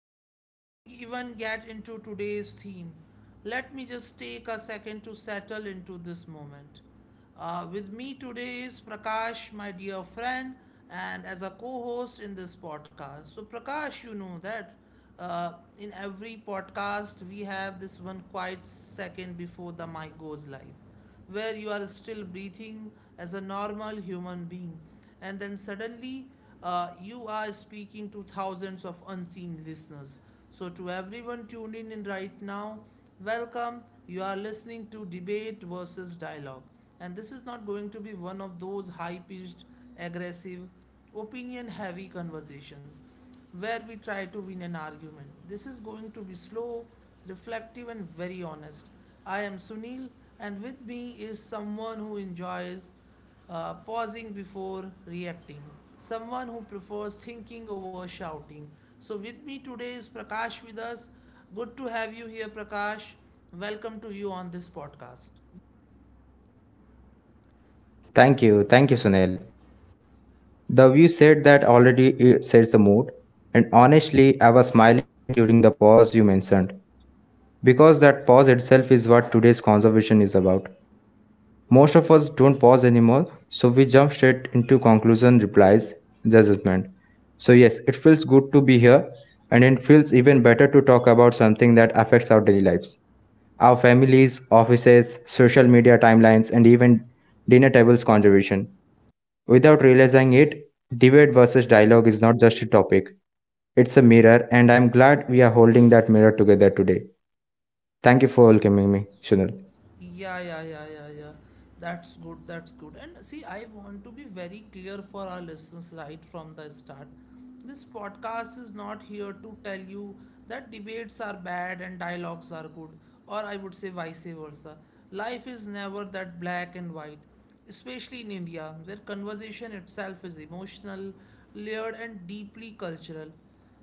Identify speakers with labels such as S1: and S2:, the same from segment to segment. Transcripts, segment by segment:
S1: so before we even get into today's theme, let me just take a second to settle into this moment. With me today is Prakash, my dear friend, and as a co host in this podcast. So, Prakash, you know that in every podcast we have this one quiet second before the mic goes live where you are still breathing as a normal human being, and then suddenly you are speaking to thousands of unseen listeners. So, to everyone tuned in right now, welcome. You are listening to Debate versus Dialogue, and this is not going to be one of those high pitched, aggressive, opinion heavy conversations where we try to win an argument. This is going to be slow, reflective, and very honest. I am Sunil, and with me is someone who enjoys pausing before reacting, someone who prefers thinking over shouting. So, with me today is Prakash with us. Good to have you here, Prakash. Welcome to you on this podcast.
S2: Thank you. Thank you, Sunil. The view said that already it sets the mood. And honestly, I was smiling during the pause you mentioned because that pause itself is what today's conversation is about. Most of us don't pause anymore, so we jump straight into conclusion, replies, judgment. So yes, it feels good to be here, and it feels even better to talk about something that affects our daily lives, our families, offices, social media timelines, and even dinner tables conservation. Without realizing it, debate versus dialogue is not just a topic, it's a mirror, and I'm glad we are holding that mirror together today. Thank you for welcoming me, Sunil.
S1: Yeah, yeah, yeah, yeah, yeah. That's good, that's good. And see, I want to be very clear for our listeners right from the start. This podcast is not here to tell you that debates are bad and dialogues are good, or I would say vice versa. Life is never that black and white, especially in India, where conversation itself is emotional, layered, and deeply cultural.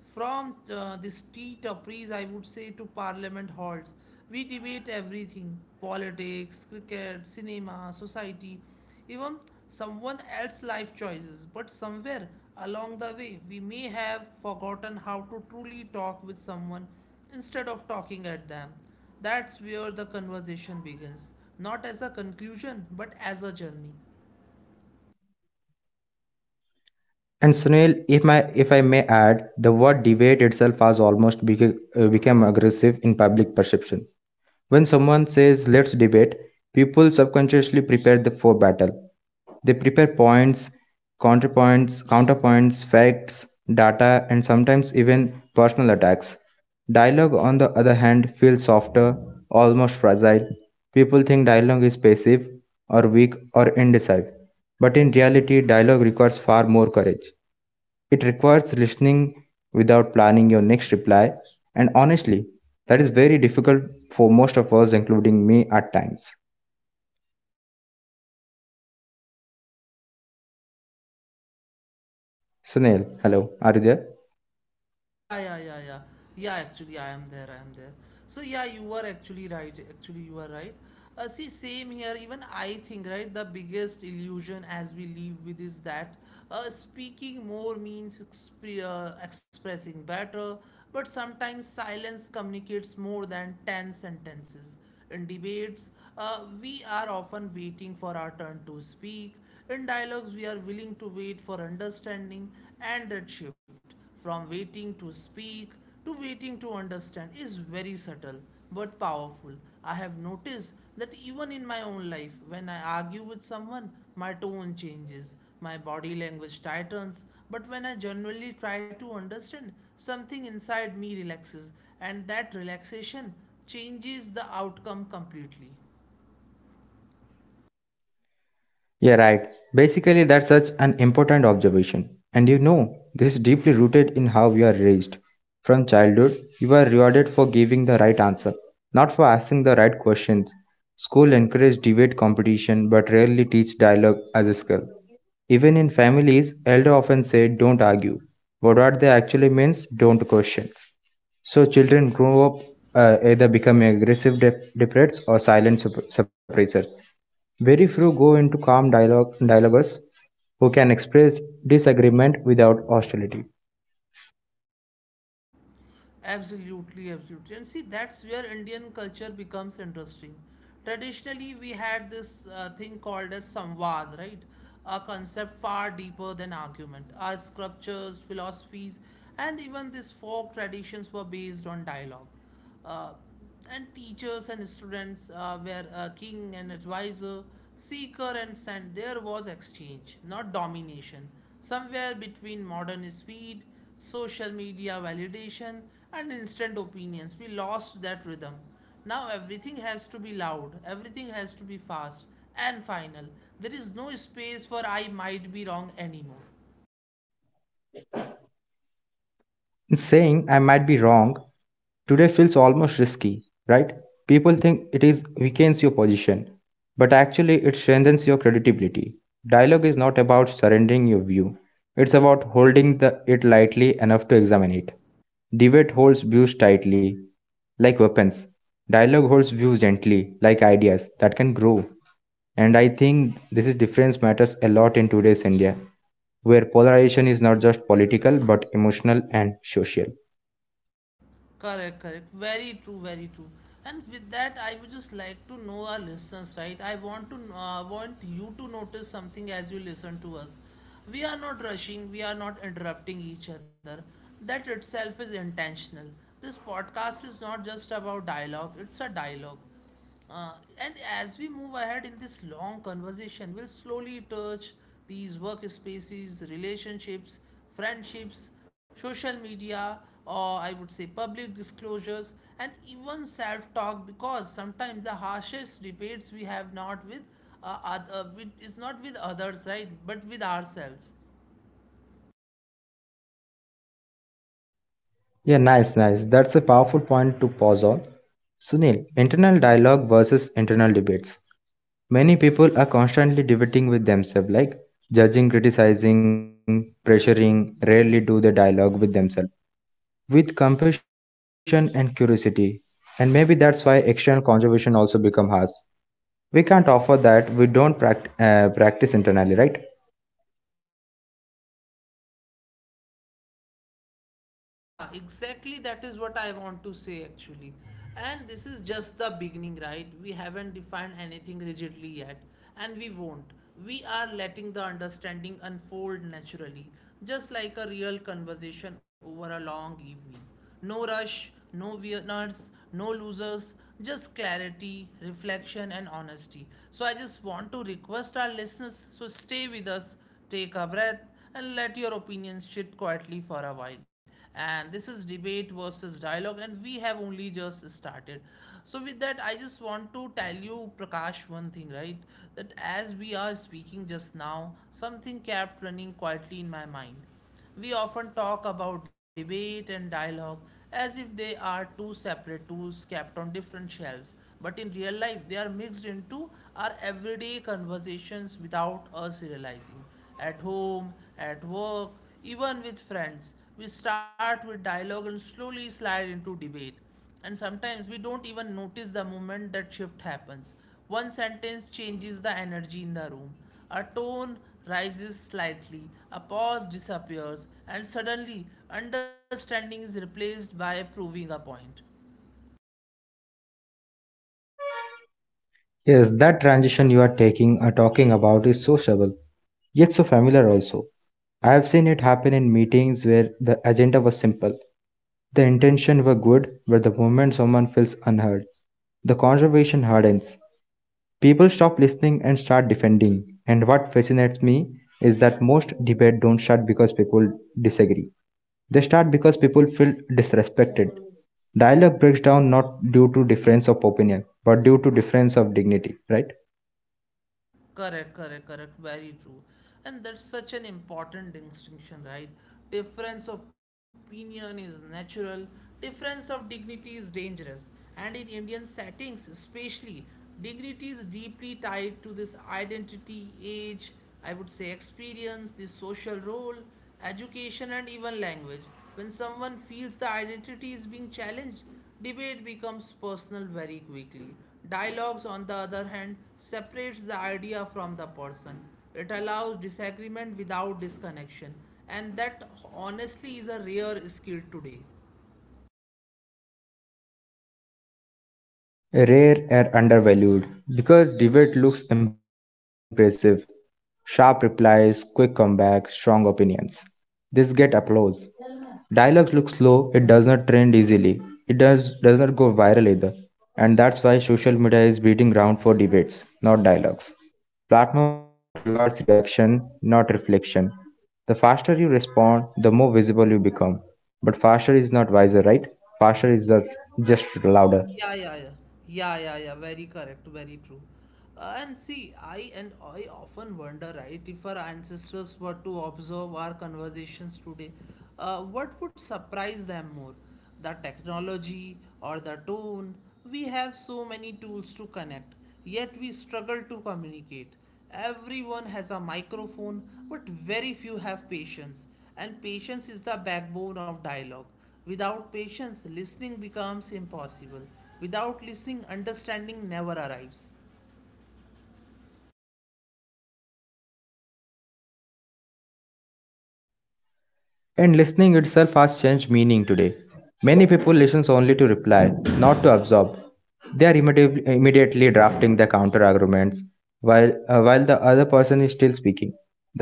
S1: From the street opries, I would say, to parliament halls, we debate everything politics, cricket, cinema, society, even someone else's life choices. But somewhere along the way, we may have forgotten how to truly talk with someone instead of talking at them. That's where the conversation begins, not as a conclusion, but as a journey.
S2: And Sunil, if I may add, the word debate itself has almost become aggressive in public perception. When someone says let's debate, people subconsciously prepare the for battle. They prepare points, counterpoints, facts, data, and sometimes even personal attacks. Dialogue, on the other hand, feels softer, almost fragile. People think dialogue is passive, or weak, or indecisive. But in reality, dialogue requires far more courage. It requires listening without planning your next reply, and honestly, that is very difficult for most of us, including me at times. Sunil, hello, are you there?
S1: Yeah, yeah, yeah, yeah. Yeah, actually, I am there. I am there. So, yeah, you are actually right. Actually, you are right. See, same here. Even I think, right, the biggest illusion as we live with is that speaking more means expressing better, but sometimes silence communicates more than 10 sentences. In debates, we are often waiting for our turn to speak. In dialogues, we are willing to wait for understanding and that shift. From waiting to speak to waiting to understand is very subtle but powerful. I have noticed that even in my own life, when I argue with someone, my tone changes, my body language tightens, but when I genuinely try to understand, something inside me relaxes, and that relaxation changes the outcome completely.
S2: Yeah, right. Basically, that's such an important observation. And you know, this is deeply rooted in how we are raised. From childhood, you are rewarded for giving the right answer, not for asking the right questions. School encourages debate competition but rarely teach dialogue as a skill. Even in families, elder often say don't argue. But what they actually means, don't question. So children grow up either becoming aggressive deprets or silent suppressors. Very few go into calm dialoguers who can express disagreement without hostility.
S1: Absolutely, absolutely. And see, that's where Indian culture becomes interesting. Traditionally, we had this thing called as samvad, right? A concept far deeper than argument. Our sculptures, philosophies, and even these folk traditions were based on dialogue. Uh, and teachers and students were king and advisor, seeker and sent. There was exchange, not domination. Somewhere between modern speed, social media validation, and instant opinions, we lost that rhythm. Now everything has to be loud, everything has to be fast and final. There is no space for I might be wrong anymore.
S2: And saying I might be wrong today feels almost risky, right? People think it is weakens your position, but actually it strengthens your credibility. Dialogue is not about surrendering your view. It's about holding the, it lightly enough to examine it. Debate holds views tightly, like weapons. Dialogue holds views gently, like ideas that can grow. And I think this is difference matters a lot in today's India, where polarization is not just political but emotional and social.
S1: Correct, correct. Very true, very true. And with that, I would just like to know our listeners, right? I want to want you to notice something as you listen to us. We are not rushing. We are not interrupting each other. That itself is intentional. This podcast is not just about dialogue. It's a dialogue, uh, and as we move ahead in this long conversation, we'll slowly touch these workspaces, relationships, friendships, social media, or I would say public disclosures, and even self talk because sometimes the harshest debates we have not with oth- with, is not with others, right? But with ourselves.
S2: Yeah, nice, nice. That's a powerful point to pause on. Sunil, internal dialogue versus internal debates. Many people are constantly debating with themselves, like judging, criticizing, pressuring, rarely do the dialogue with themselves. With compassion and curiosity. And maybe that's why external conservation also become harsh. We can't offer that we don't practice internally, right?
S1: Yeah, exactly. That is what I want to say actually. And this is just the beginning, right? We haven't defined anything rigidly yet, and we won't. We are letting the understanding unfold naturally, just like a real conversation over a long evening. No rush, no winners, no losers, just clarity, reflection, and honesty. So, I just want to request our listeners so stay with us, take a breath, and let your opinions sit quietly for a while. And this is debate versus dialogue, and we have only just started. So, with that, I just want to tell you, Prakash, one thing, right? That as we are speaking just now, something kept running quietly in my mind. We often talk about debate and dialogue as if they are two separate tools kept on different shelves, but in real life, they are mixed into our everyday conversations without us realizing. At home, at work, even with friends, we start with dialogue and slowly slide into debate, and sometimes we don't even notice the moment that shift happens. One sentence changes the energy in the room. A tone rises slightly, a pause disappears, and suddenly understanding is replaced by proving a point.
S2: Yes, that transition you are taking talking about is sociable yet so familiar also. I have seen it happen in meetings where the agenda was simple, the intention were good, but the moment someone feels unheard, the conversation hardens. People stop listening and start defending. And what fascinates me is that most debate don't start because people disagree. They start because people feel disrespected. Dialogue breaks down not due to difference of opinion, but due to difference of dignity, right?
S1: Correct, correct, correct. Very true. And that's such an important distinction, right? Difference of opinion is natural, difference of dignity is dangerous. And in Indian settings, especially, dignity is deeply tied to this identity, age, I would say experience, the social role, education, and even language. When someone feels the identity is being challenged, debate becomes personal very quickly. Dialogues, on the other hand, separates the idea from the person. It allows disagreement without disconnection, and that honestly is a rare skill today.
S2: Rare are undervalued because debate looks impressive. Sharp replies, quick comebacks, strong opinions. This get applause. Dialogues look slow, it does not trend easily. It does not go viral either. And that's why social media is breeding ground for debates, not dialogues. Platform rewards reaction, not reflection. The faster you respond, the more visible you become. But faster is not wiser, right? Faster is just louder.
S1: Yeah, yeah, yeah. Yeah, yeah, yeah. Very correct. Very true. And see, I often wonder, right, if our ancestors were to observe our conversations today, what would surprise them more? The technology or the tone? We have so many tools to connect, yet we struggle to communicate. Everyone has a microphone, but very few have patience, and patience is the backbone of dialogue. Without patience, listening becomes impossible. Without listening, understanding never arrives.
S2: And listening itself has changed meaning today. Many people listen only to reply, not to absorb. They are immediately drafting their counter arguments while the other person is still speaking.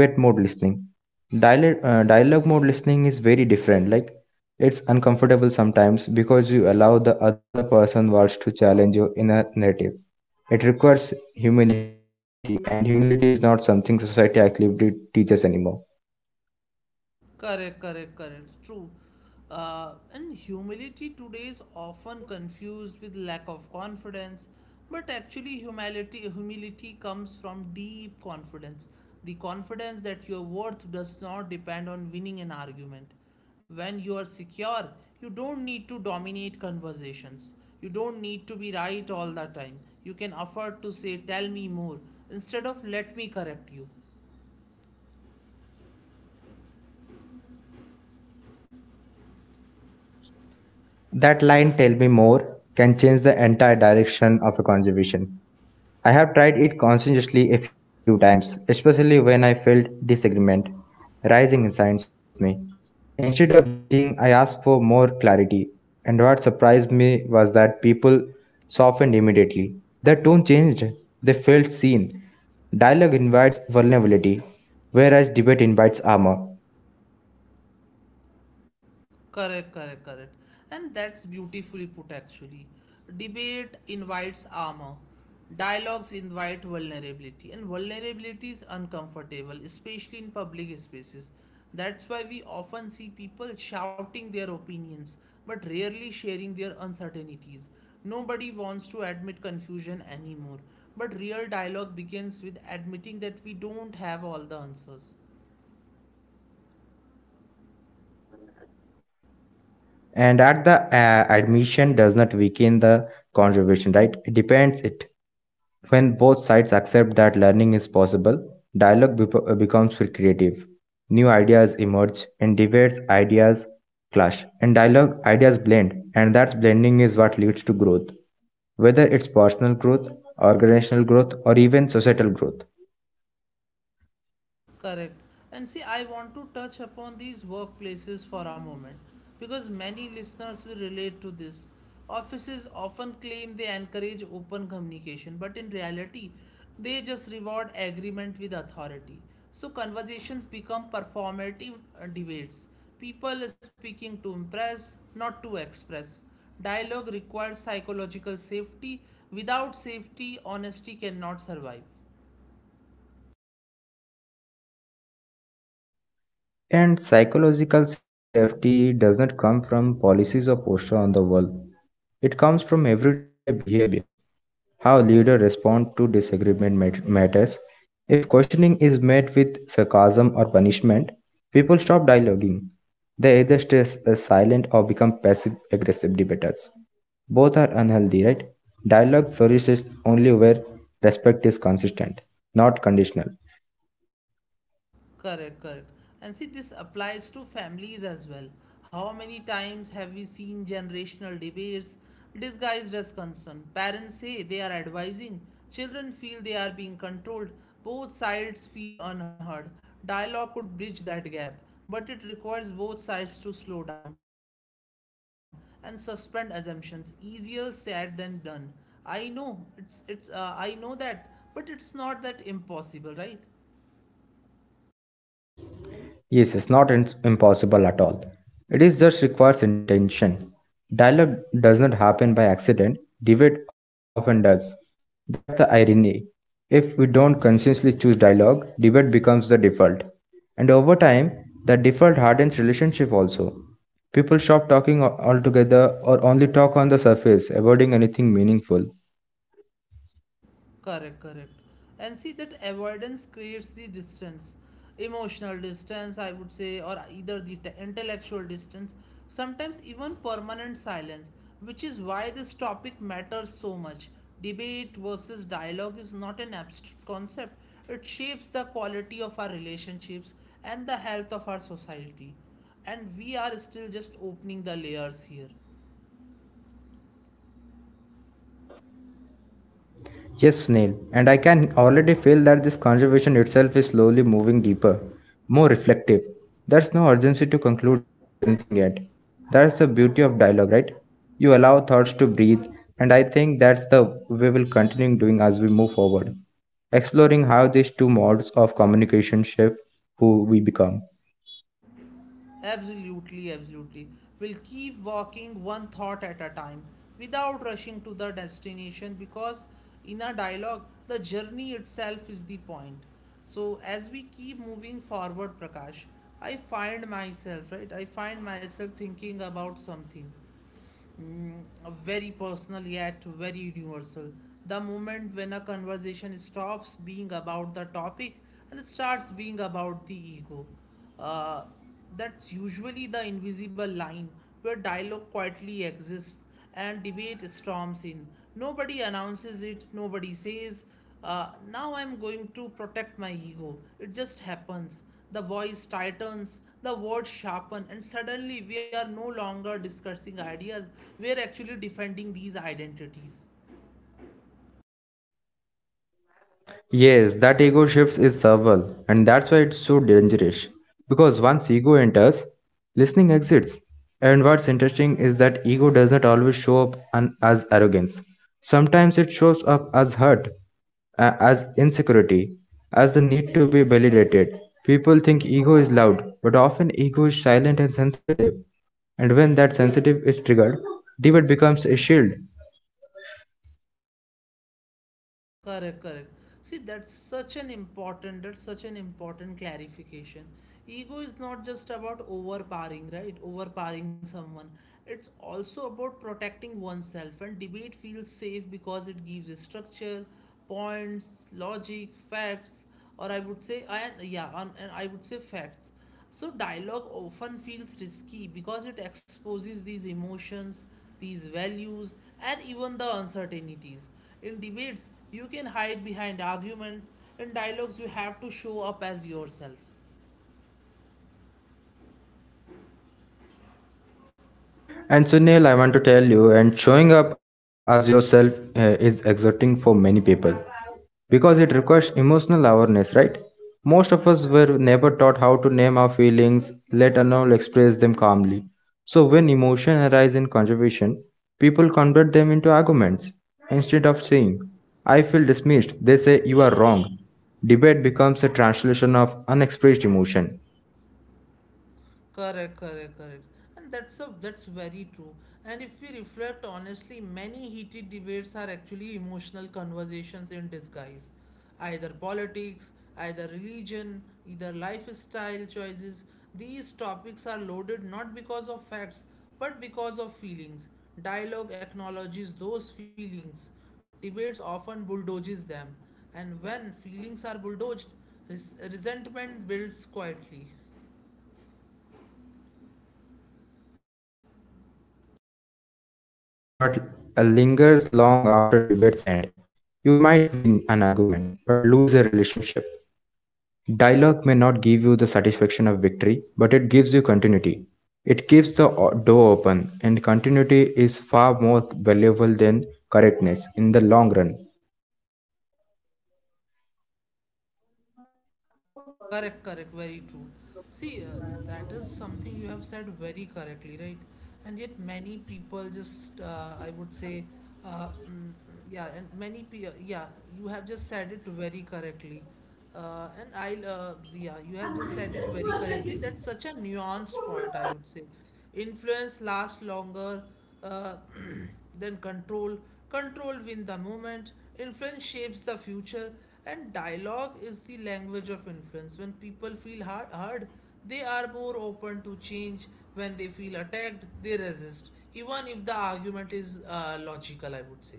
S2: That is debate mode listening. Dialogue mode listening is very different. Like, it's uncomfortable sometimes because you allow the other person's words to challenge your inner narrative. It requires humility, and humility is not something society actively teaches anymore.
S1: Correct, correct, correct. True. And humility today is often confused with lack of confidence, but actually, humility comes from deep confidence. The confidence that your worth does not depend on winning an argument. When you are secure, you don't need to dominate conversations. You don't need to be right all the time. You can afford to say, "Tell me more," instead of "Let me correct you."
S2: That line, tell me more, can change the entire direction of a conversation. I have tried it conscientiously a few times, especially when I felt disagreement rising inside me. Instead of reaching, I asked for more clarity, and what surprised me was that people softened immediately. Their tone changed, they felt seen. Dialogue invites vulnerability, whereas debate invites armor.
S1: Correct, correct, correct. And that's beautifully put actually. Debate invites armor. Dialogues invite vulnerability. And vulnerability is uncomfortable, especially in public spaces. That's why we often see people shouting their opinions, but rarely sharing their uncertainties. Nobody wants to admit confusion anymore. But real dialogue begins with admitting that we don't have all the answers.
S2: And at the admission does not weaken the conservation, right? It depends it, when both sides accept that learning is possible, dialogue becomes creative. New ideas emerge, and debates ideas clash, and dialogue ideas blend, and that blending is what leads to growth, whether it's personal growth, organizational growth, or even societal growth.
S1: Correct. And see, I want to touch upon these workplaces for a moment because many listeners will relate to this. Offices often claim they encourage open communication, but in reality, they just reward agreement with authority. So conversations become performative debates. People speaking to impress, not to express. Dialogue requires psychological safety. Without safety, honesty cannot survive.
S2: And psychological safety does not come from policies or posture on the wall. It comes from everyday behavior. How leaders respond to disagreement matters. If questioning is met with sarcasm or punishment, people stop dialoguing. They either stay silent or become passive aggressive debaters. Both are unhealthy, right? Dialogue flourishes only where respect is consistent, not conditional.
S1: Correct, correct. And see, this applies to families as well. How many times have we seen generational debates disguised as concern? Parents say they are advising, children feel they are being controlled, both sides feel unheard. Dialogue could bridge that gap, but it requires both sides to slow down and suspend assumptions. Easier said than done. I know that, but it's not that impossible, right?
S2: Yes, it's not ins- impossible at all. It is just requires intention. Dialogue does not happen by accident, debate often does. That's the irony. If we don't consciously choose dialogue, debate becomes the default. And over time, the default hardens relationship also. People stop talking altogether or only talk on the surface, avoiding anything meaningful.
S1: Correct, correct. And see that avoidance creates the distance, emotional distance, I would say, or either the intellectual distance, sometimes even permanent silence, which is why this topic matters so much. Debate versus dialogue is not an abstract concept, it shapes the quality of our relationships and the health of our society. And we are still just opening the layers here.
S2: Yes, Snail, and I can already feel that this conversation itself is slowly moving deeper, more reflective. There's no urgency to conclude anything yet. That's the beauty of dialogue, right? You allow thoughts to breathe, and I think that's the we will continue doing as we move forward, exploring how these two modes of communication shape who we become.
S1: Absolutely, absolutely. We'll keep walking one thought at a time without rushing to the destination because in a dialogue, the journey itself is the point. So as we keep moving forward, Prakash, I find myself, right? I find myself thinking about something Mm, very personal yet very universal. The moment when a conversation stops being about the topic and starts being about the ego. Uh, that's usually the invisible line where dialogue quietly exists and debate storms in. Nobody announces it, nobody says, now I'm going to protect my ego. It just happens. The voice tightens, the words sharpen, and suddenly we are no longer discussing ideas, we are actually defending these identities.
S2: Yes, that ego shifts is subtle, and that's why it's so dangerous. Because once ego enters, listening exits. And what's interesting is that ego does not always show up as arrogance. Sometimes it shows up as hurt, as insecurity, as the need to be validated. People think ego is loud, but often ego is silent and sensitive. And when that sensitive is triggered, debate becomes a shield.
S1: Correct, correct. See, that's such an important clarification. Ego is not just about overpowering, right? Overpowering someone. It's also about protecting oneself, and debate feels safe because it gives structure, points, logic, facts, or I would say, and yeah, and I would say facts. So, dialogue often feels risky because it exposes these emotions, these values, and even the uncertainties. In debates, you can hide behind arguments. In dialogues, you have to show up as yourself.
S2: And Sunil, I want to tell you, and showing up as yourself is exerting for many people because it requires emotional awareness, right? Most of us were never taught how to name our feelings, let alone express them calmly. So when emotion arise in conversation, people convert them into arguments. Instead of saying, I feel dismissed, they say you are wrong. Debate becomes a translation of unexpressed emotion.
S1: Correct, correct, correct. And that's very true. And if we reflect honestly, many heated debates are actually emotional conversations in disguise. Either politics, either religion, either lifestyle choices. These topics are loaded not because of facts, but because of feelings. Dialogue acknowledges those feelings. Debates often bulldoges them. And when feelings are bulldozed, resentment builds quietly.
S2: Resentment, yes, what lingers long after debates end. You might win an argument, but lose a relationship. Dialogue may not give you the satisfaction of victory, but it gives you continuity. It keeps the door open, and continuity is far more valuable than correctness in the long run.
S1: Correct, correct, very true. See, that is something you have said very correctly, right? And yet, many people just, I would say, uh, mm, yeah, and many people, yeah, you have just said it very correctly. And yeah, you have just said it very correctly. That's such a nuanced point, I would say. Influence lasts longer uh, than control. Control win the moment. Influence shapes the future. And dialogue is the language of influence. When people feel hard, they are more open to change. When they feel attacked, they resist, even if the argument is logical, I would say.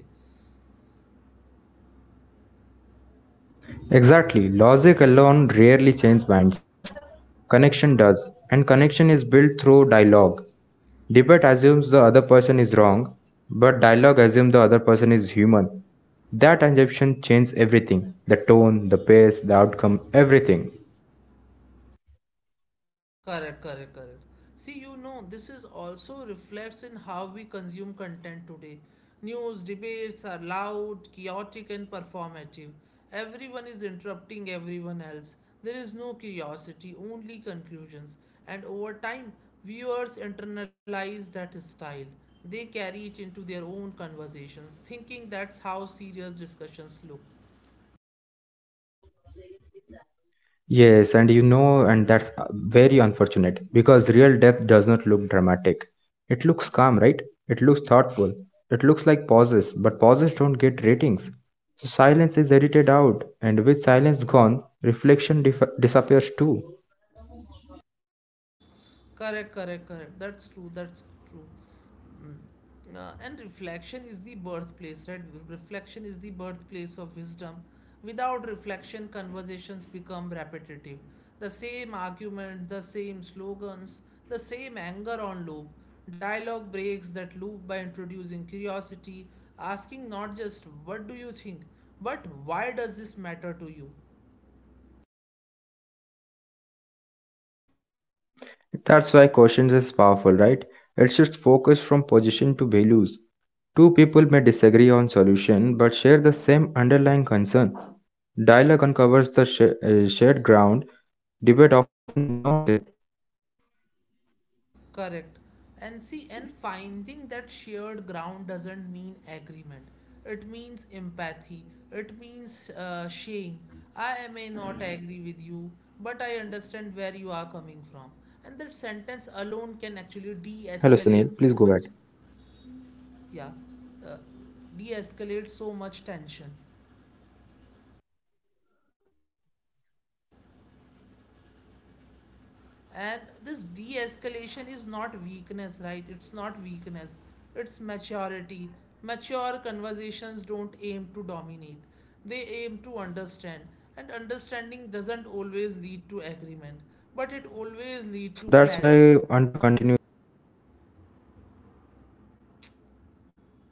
S2: Exactly, logic alone rarely changes minds. Connection does, and connection is built through dialogue. Debate assumes the other person is wrong, but dialogue assumes the other person is human. That assumption changes everything the tone, the pace, the outcome, everything.
S1: Correct, correct, correct. See, you know, this is also reflects in how we consume content today. News debates are loud, chaotic, and performative. Everyone is interrupting everyone else. There is no curiosity, only conclusions. And over time, viewers internalize that style. They carry it into their own conversations, thinking that's how serious discussions look.
S2: Yes, and you know, and that's very unfortunate because real death does not look dramatic. It looks calm, right? It looks thoughtful. It looks like pauses, but pauses don't get ratings. So silence is edited out, and with silence gone, reflection disappears too.
S1: Correct, correct, correct. That's true. That's true. Mm. And reflection is the birthplace, right? Reflection is the birthplace of wisdom. Without reflection, conversations become repetitive. The same argument, the same slogans, the same anger on loop. Dialogue breaks that loop by introducing curiosity, asking not just what do you think, but why does this matter to you?
S2: That's why questions is powerful, right? It shifts focus from position to values. Two people may disagree on solution but share the same underlying concern. Dialogue uncovers the shared ground. Debate often ignores it.
S1: Correct. And see, and finding that shared ground doesn't mean agreement. It means empathy. It means sharing. I may not agree with you, but I understand where you are coming from. And that sentence alone can actually de
S2: Hello, Sunil.
S1: escalate
S2: Please go
S1: so
S2: ahead.
S1: much. Yeah. Uh, de escalate so much tension. And this de escalation is not weakness, right? It's not weakness, it's maturity. Mature conversations don't aim to dominate, they aim to understand. And understanding doesn't always lead to agreement, but it always leads
S2: So
S1: to
S2: that's
S1: clarity.
S2: why I want to continue this contribution, right, Sunil? So are you there, Sunil?